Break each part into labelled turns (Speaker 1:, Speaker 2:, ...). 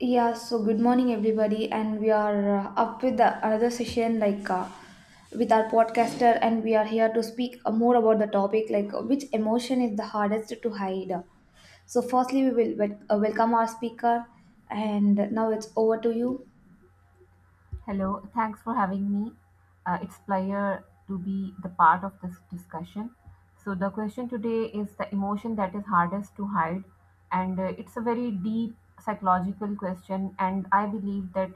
Speaker 1: Yeah, so good morning, everybody, and we are up with another session with our podcaster, and we are here to speak more about the topic which emotion is the hardest to hide. So, firstly, we will welcome our speaker, and now it's over to you.
Speaker 2: Hello, thanks for having me. It's pleasure to be the part of this discussion. So the question today is the emotion that is hardest to hide, and it's a very deep psychological question. And I believe that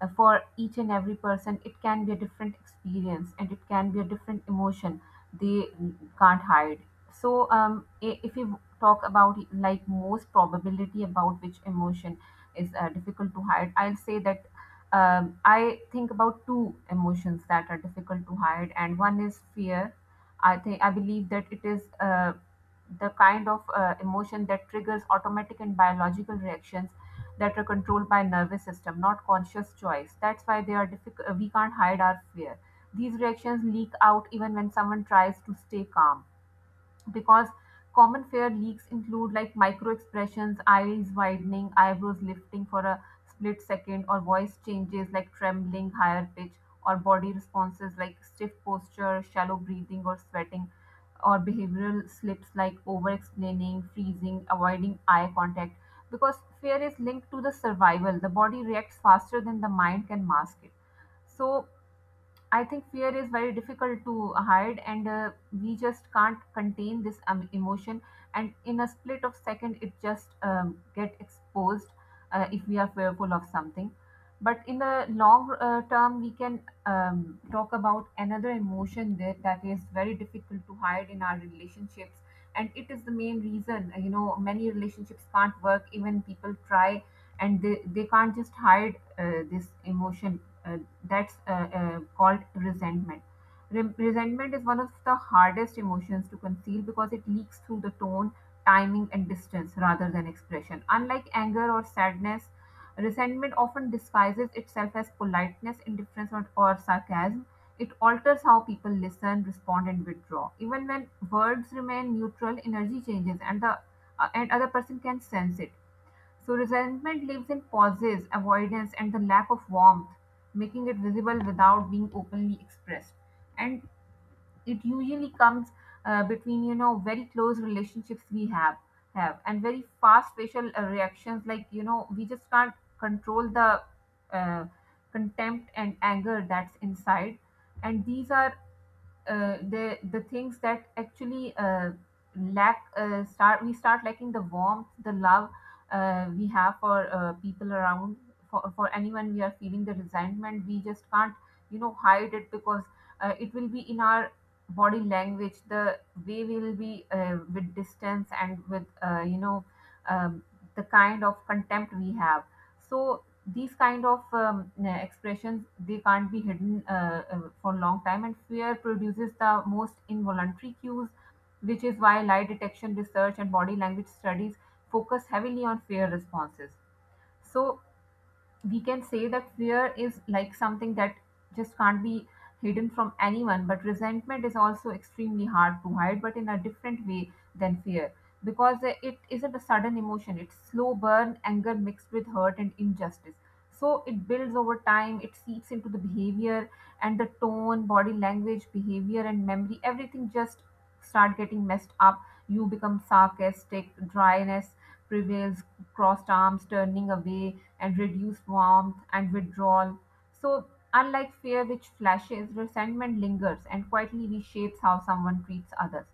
Speaker 2: for each and every person, it can be a different experience and it can be a different emotion they can't hide. If you talk about like most probability about which emotion is difficult to hide, I'll say that I think about two emotions that are difficult to hide, and one is fear. I believe that it is the kind of emotion that triggers automatic and biological reactions that are controlled by nervous system, not conscious choice. That's why they are difficult. We can't hide our fear. These reactions leak out even when someone tries to stay calm because common fair leaks include like micro expressions, eyes widening, eyebrows lifting for a split second, or voice changes like trembling, higher pitch, or body responses like stiff posture, shallow breathing, or sweating, or behavioral slips like over explaining, freezing, avoiding eye contact. Because fear is linked to the survival, the body reacts faster than the mind can mask it. So, I think fear is very difficult to hide, and we just can't contain this emotion. And in a split of second, it just get exposed if we are fearful of something. But in the long term, we can talk about another emotion that is very difficult to hide in our relationships, and it is the main reason. You know, many relationships can't work. Even people try, and they can't just hide this emotion Uh, that's called resentment. Resentment is one of the hardest emotions to conceal because it leaks through the tone, timing and distance rather than expression. Unlike anger or sadness, resentment often disguises itself as politeness, indifference or sarcasm. It alters how people listen, respond and withdraw. Even when words remain neutral, energy changes and the and other person can sense it. So resentment lives in pauses, avoidance, and the lack of warmth, making it visible without being openly expressed. And it usually comes between, you know, very close relationships we have and very fast facial reactions. Like, you know, we just can't control the uh, contempt and anger that's inside, and these are the things that actually lack start, we start lacking the warmth, the love we have for people around. For anyone we are feeling the resentment, we just can't, you know, hide it, because it will be in our body language, the way we will be with distance and with, um, the kind of contempt we have. So these kind of expressions, they can't be hidden for long time. And fear produces the most involuntary cues, which is why lie detection research and body language studies focus heavily on fear responses. So we can say that fear is like something that just can't be hidden from anyone, but resentment is also extremely hard to hide, but in a different way than fear, because it isn't a sudden emotion. It's slow burn anger mixed with hurt and injustice. So it builds over time, it seeps into the behavior and the tone, body language, behavior and memory. Everything just start getting messed up. You become sarcastic, dryness prevails, crossed arms, turning away, and reduced warmth and withdrawal. So, unlike fear, which flashes, resentment lingers and quietly reshapes how someone treats others.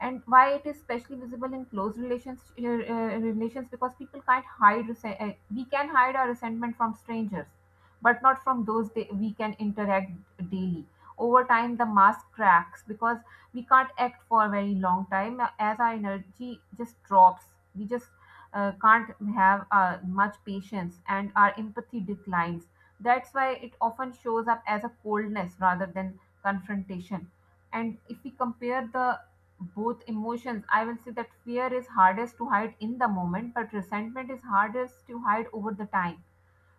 Speaker 2: And why it is especially visible in close relations, because people can't hide. We can hide our resentment from strangers, but not from we can interact daily. Over time, the mask cracks because we can't act for a very long time, as our energy just drops. We just can't have much patience and our empathy declines. That's why it often shows up as a coldness rather than confrontation. And if we compare the both emotions, I will say that fear is hardest to hide in the moment, but resentment is hardest to hide over the time.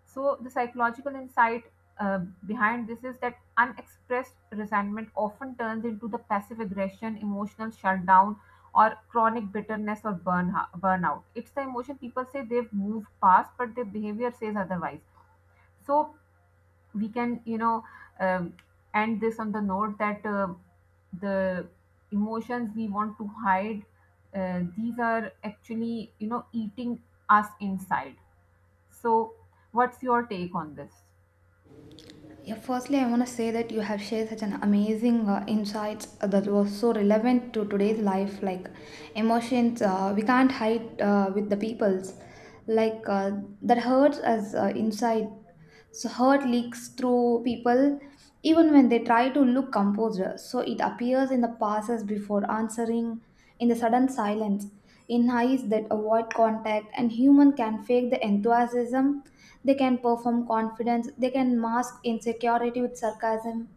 Speaker 2: So, the psychological insight uh, behind this is that unexpressed resentment often turns into the passive aggression, emotional shutdown, or chronic bitterness or burnout. It's the emotion people say they've moved past, but their behavior says otherwise. So, we can, you know, um, end this on the note that the emotions we want to hide, these are actually, you know, eating us inside. So, what's your take on this?
Speaker 1: Yeah, firstly, I want to say that you have shared such an amazing insights that was so relevant to today's life. Like emotions, we can't hide with the people's. Like uh, that hurts us inside. So hurt leaks through people even when they try to look composed. So it appears in the passes before answering, in the sudden silence, in eyes that avoid contact, and human can fake the enthusiasm. They can perform confidence. They can mask insecurity with sarcasm,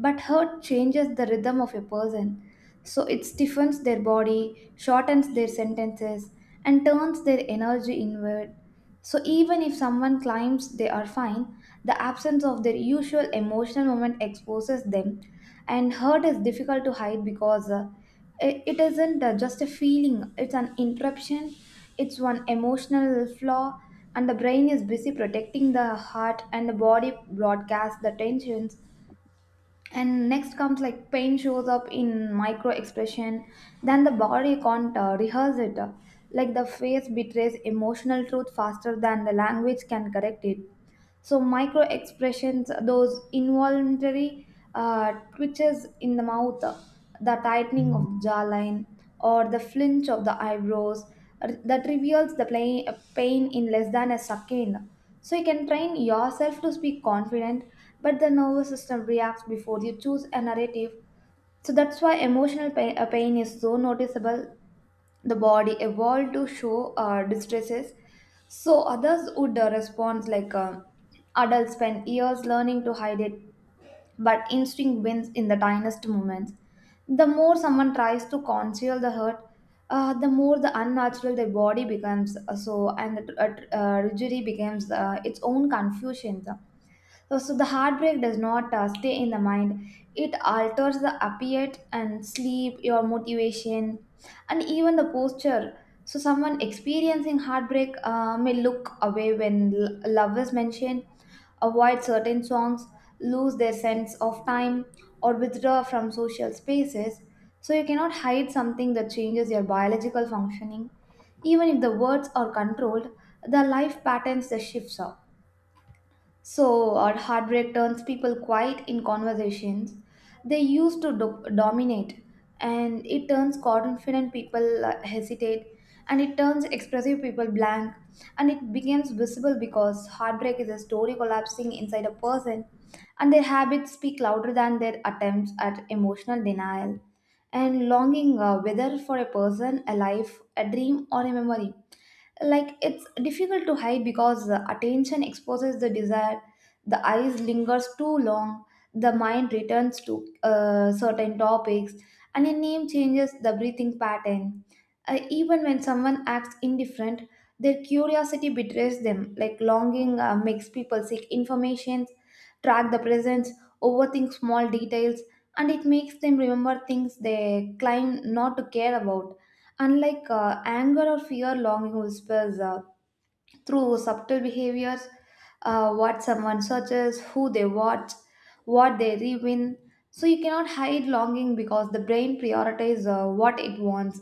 Speaker 1: but hurt changes the rhythm of a person. So it stiffens their body, shortens their sentences, and turns their energy inward. So even if someone claims they are fine, the absence of their usual emotional moment exposes them, and hurt is difficult to hide because it isn't just a feeling, it's an interruption, it's one emotional flaw, and the brain is busy protecting the heart, and the body broadcasts the tensions. And next comes like pain shows up in micro expression, then the body can't rehearse it, like the face betrays emotional truth faster than the language can correct it. So micro expressions, those involuntary twitches in the mouth, the tightening of the jawline, or the flinch of the eyebrows, that reveals the pain in less than a second. So you can train yourself to speak confident, but the nervous system reacts before you choose a narrative. So that's why emotional pain is so noticeable. The body evolved to show distresses so others would respond, adults spend years learning to hide it, but instinct wins in the tiniest moments. The more someone tries to conceal the hurt, the more the unnatural their body becomes, and the tragedy becomes its own confusion. So the heartbreak does not stay in the mind. It alters the appetite and sleep, your motivation, and even the posture. So someone experiencing heartbreak may look away when love is mentioned, avoid certain songs, lose their sense of time, or withdraw from social spaces. So you cannot hide something that changes your biological functioning. Even if the words are controlled, the life patterns the shifts are. So, or heartbreak turns people quiet in conversations they used to dominate, and it turns confident people hesitate, and it turns expressive people blank, and it becomes visible because heartbreak is a story collapsing inside a person, and their habits speak louder than their attempts at emotional denial. And longing, whether for a person, a life, a dream, or a memory, like it's difficult to hide because the attention exposes the desire. The eyes lingers too long, the mind returns to certain topics, and a name changes the breathing pattern. Even when someone acts indifferent, their curiosity betrays them. Like longing makes people seek information, track the presence, overthink small details, and it makes them remember things they claim not to care about. Unlike anger or fear, longing whispers through subtle behaviors, what someone searches, who they watch, what they rewin. So you cannot hide longing because the brain prioritizes what it wants,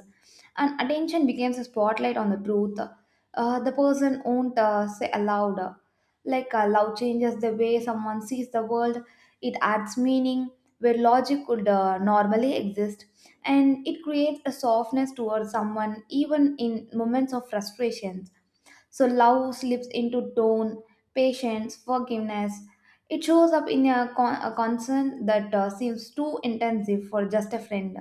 Speaker 1: and attention becomes a spotlight on the truth the person won't say aloud. Love changes the way someone sees the world. It adds meaning where logic could normally exist, and it creates a softness towards someone even in moments of frustration. So love slips into tone, patience, forgiveness. It shows up in a concern that seems too intensive for just a friend.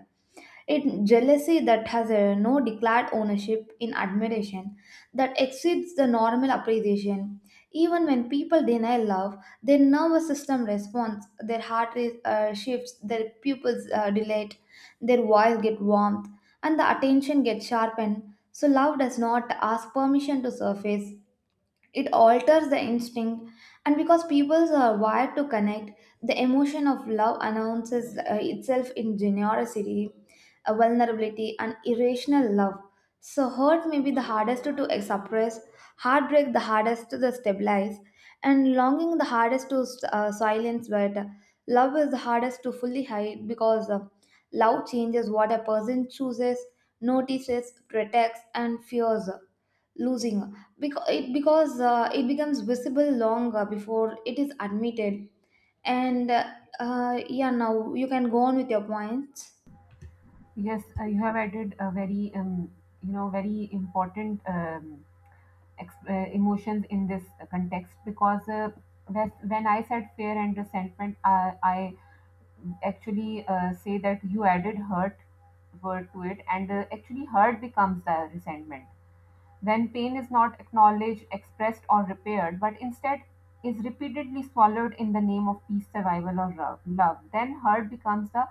Speaker 1: It jealousy that has a no declared ownership in admiration that exceeds the normal appreciation. Even when people deny love, their nervous system responds, their heart rate shifts, their pupils dilate, their voice get warmth, and the attention gets sharpened. So love does not ask permission to surface, it alters the instinct, and because people are wired to connect, the emotion of love announces itself in generosity, vulnerability and irrational love. So hurt may be the hardest to suppress, heartbreak the hardest to stabilize, and longing the hardest to silence, but love is the hardest to fully hide because love changes what a person chooses, notices, protects and fears losing, because it becomes visible long before it is admitted. And Yeah, now you can go on with your points.
Speaker 2: Yes, you have added a you know, very important emotions in this context, because when I said fear and resentment, I actually say that you added hurt word to it, and actually hurt becomes the resentment when pain is not acknowledged, expressed, or repaired, but instead is repeatedly swallowed in the name of peace, survival, or love. Then hurt becomes the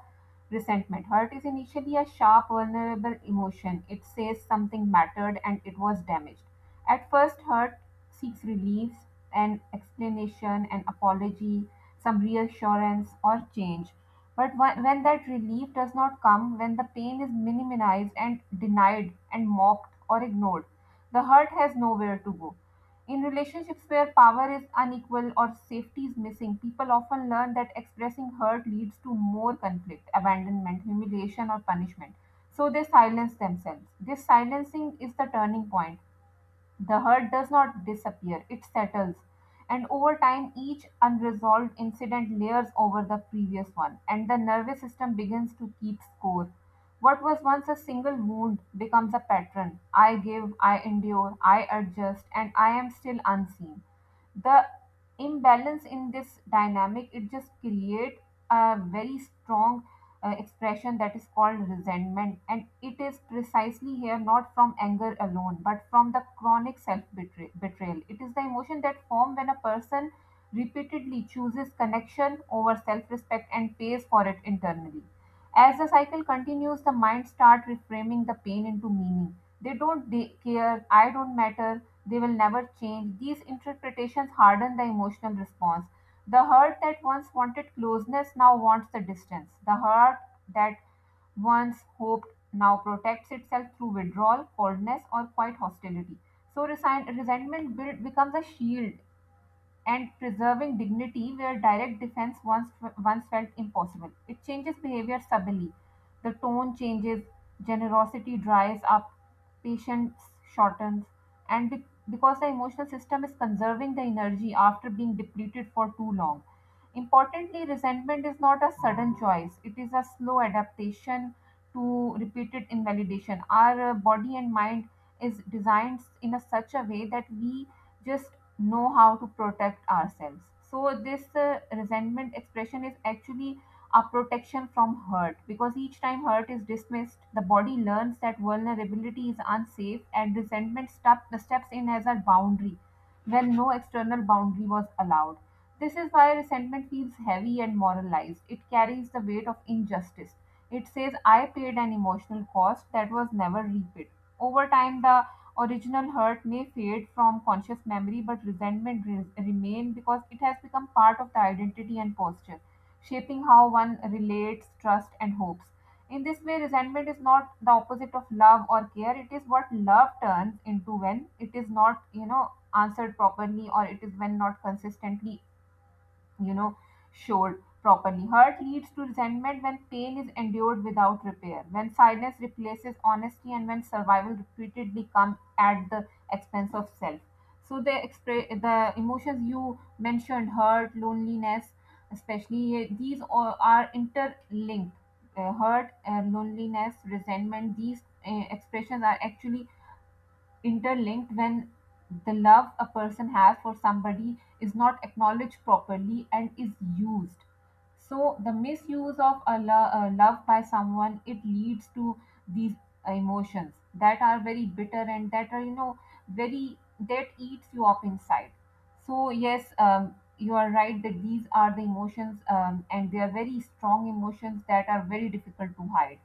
Speaker 2: resentment. Hurt is initially a sharp, vulnerable emotion. It says something mattered and it was damaged. At first, hurt seeks relief, an explanation, an apology, some reassurance, or change. But when that relief does not come, when the pain is minimized and denied and mocked or ignored, the hurt has nowhere to go. In relationships where power is unequal or safety is missing, people often learn that expressing hurt leads to more conflict, abandonment, humiliation, or punishment. So they silence themselves. This silencing is the turning point. The hurt does not disappear, it settles. And over time, each unresolved incident layers over the previous one, and the nervous system begins to keep score. What was once a single wound becomes a pattern. I give, I endure, I adjust, and I am still unseen. The imbalance in this dynamic, it just creates a very strong expression that is called resentment, and it is precisely here, not from anger alone, but from the chronic self betrayal. It is the emotion that forms when a person repeatedly chooses connection over self respect and pays for it internally. As the cycle continues, the mind starts reframing the pain into meaning. They care, I don't matter, they will never change. These interpretations harden the emotional response. The heart that once wanted closeness now wants the distance. The heart that once hoped now protects itself through withdrawal, coldness, or quite hostility. So resentment becomes a shield and preserving dignity where direct defense once felt impossible. It changes behavior subtly. The tone changes, generosity dries up, patience shortens, and be- because the emotional system is conserving the energy after being depleted for too long. Importantly, resentment is not a sudden choice, it is a slow adaptation to repeated invalidation. Our body and mind is designed in a such a way that we just know how to protect ourselves. So this resentment expression is actually a protection from hurt, because each time hurt is dismissed, the body learns that vulnerability is unsafe, and resentment steps in as a boundary when no external boundary was allowed. This is why resentment feels heavy and moralized. It carries the weight of injustice. It says, I paid an emotional cost that was never repaid. Over time, the original hurt may fade from conscious memory, but resentment remain because it has become part of the identity and posture, shaping how one relates, trust, and hopes. In this way, resentment is not the opposite of love or care. It is what love turns into when it is not, you know, answered properly, or it is when not consistently, you know, showed properly. Hurt leads to resentment when pain is endured without repair, when silence replaces honesty, and when survival repeatedly comes at the expense of self. So the emotions you mentioned, hurt, loneliness especially, these all are interlinked. Hurt and loneliness, resentment, these expressions are actually interlinked when the love a person has for somebody is not acknowledged properly and is used. So the misuse of a love by someone, it leads to these emotions that are very bitter and that are, you know, very, that eats you up inside. So yes, you are right that these are the emotions, and they are very strong emotions that are very difficult to hide.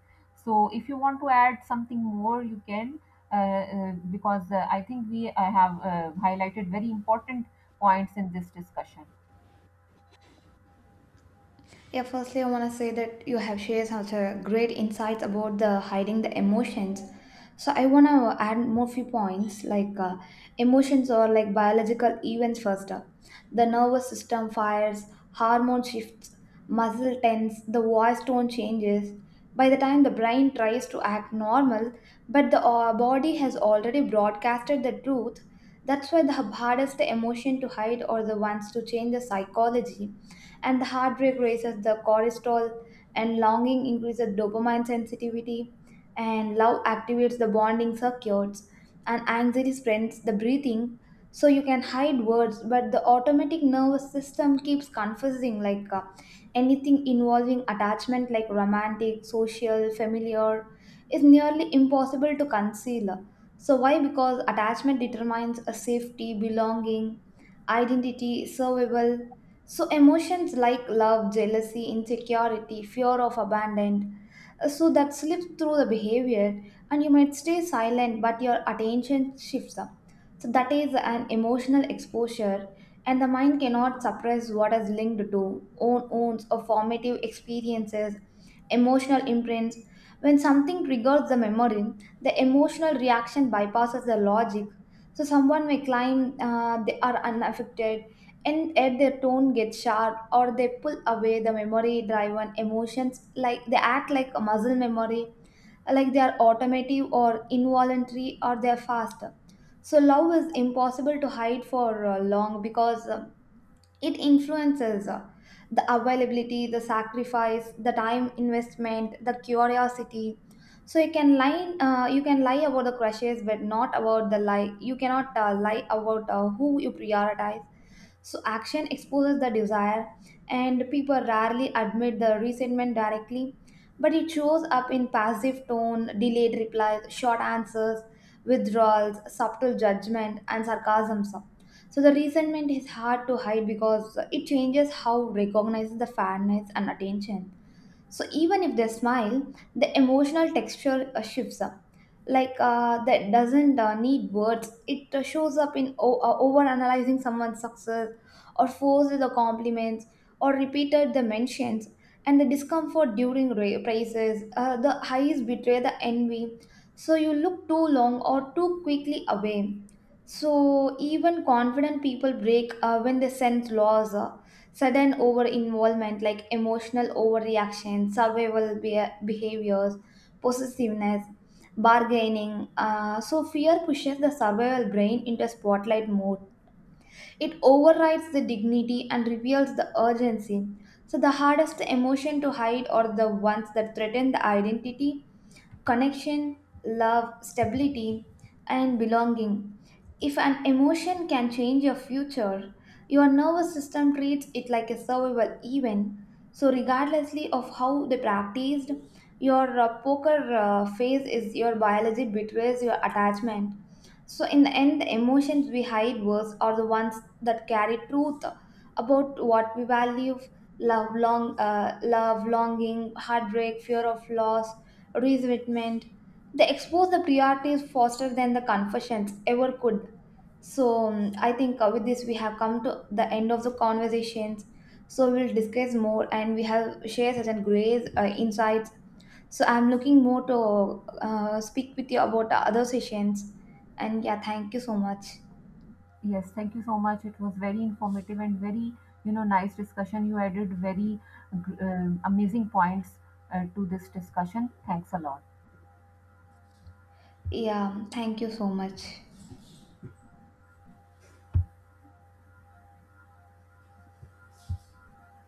Speaker 2: So if you want to add something more, you can. uh, because I think we have highlighted very important points in this discussion.
Speaker 1: Yeah, firstly, I want to say that you have shared such a great insights about the hiding the emotions. So I want to add more few points emotions are like biological events first. Up. The nervous system fires, hormone shifts, muscle tense, the voice tone changes. By the time the brain tries to act normal, but the body has already broadcasted the truth. That's why the hardest emotion to hide or the ones to change the psychology. And the heartbreak raises the cortisol, and longing increases dopamine sensitivity, and love activates the bonding circuits, and anxiety strengthens the breathing. So you can hide words, but the automatic nervous system keeps confessing. Anything involving attachment like romantic, social, familiar, is nearly impossible to conceal. So why? Because attachment determines a safety, belonging, identity, survival. So emotions like love, jealousy, insecurity, fear of abandonment, so that slips through the behavior, and you might stay silent, but your attention shifts up. So that is an emotional exposure, and the mind cannot suppress what is linked to own wounds or formative experiences, emotional imprints. When something triggers the memory, the emotional reaction bypasses the logic. So someone may claim they are unaffected, and yet their tone gets sharp or they pull away. The memory driven emotions, like they act like a muscle memory, like they are automative or involuntary or they are faster. So love is impossible to hide for long because it influences the availability, the sacrifice, the time investment, the curiosity. So you can lie about the crushes, but not about the lie. You cannot lie about who you prioritize. So action exposes the desire, and people rarely admit the resentment directly, but it shows up in passive tone, delayed replies, short answers, withdrawals, subtle judgment, and sarcasm. So the resentment is hard to hide because it changes how recognizes the fairness and attention. So even if they smile, the emotional texture shifts up. That doesn't need words. It shows up in overanalyzing someone's success, or forces the compliments, or repeated the mentions, and the discomfort during praises. The eyes betray the envy. So you look too long or too quickly away. So even confident people break when they sense loss. Sudden over involvement like emotional overreaction, survival behaviors, possessiveness, bargaining. So, fear pushes the survival brain into spotlight mode. It overrides the dignity and reveals the urgency. So, the hardest emotion to hide are the ones that threaten the identity, connection, love, stability, and belonging. If an emotion can change your future, your nervous system treats it like a survival event. So, regardlessly of how they practiced, your poker phase is your biology betrays your attachment. So, in the end, the emotions we hide worse are the ones that carry truth about what we value: love, long love, longing, heartbreak, fear of loss, resentment. They expose the priorities faster than the confessions ever could. So I think with this we have come to the end of the conversations. So we'll discuss more, and we have shared certain great insights. So I'm looking more to speak with you about the other sessions. And yeah, thank you so much.
Speaker 2: Yes, thank you so much. It was very informative and very, you know, nice discussion. You added very amazing points to this discussion. Thanks a lot.
Speaker 1: Yeah, thank you so much.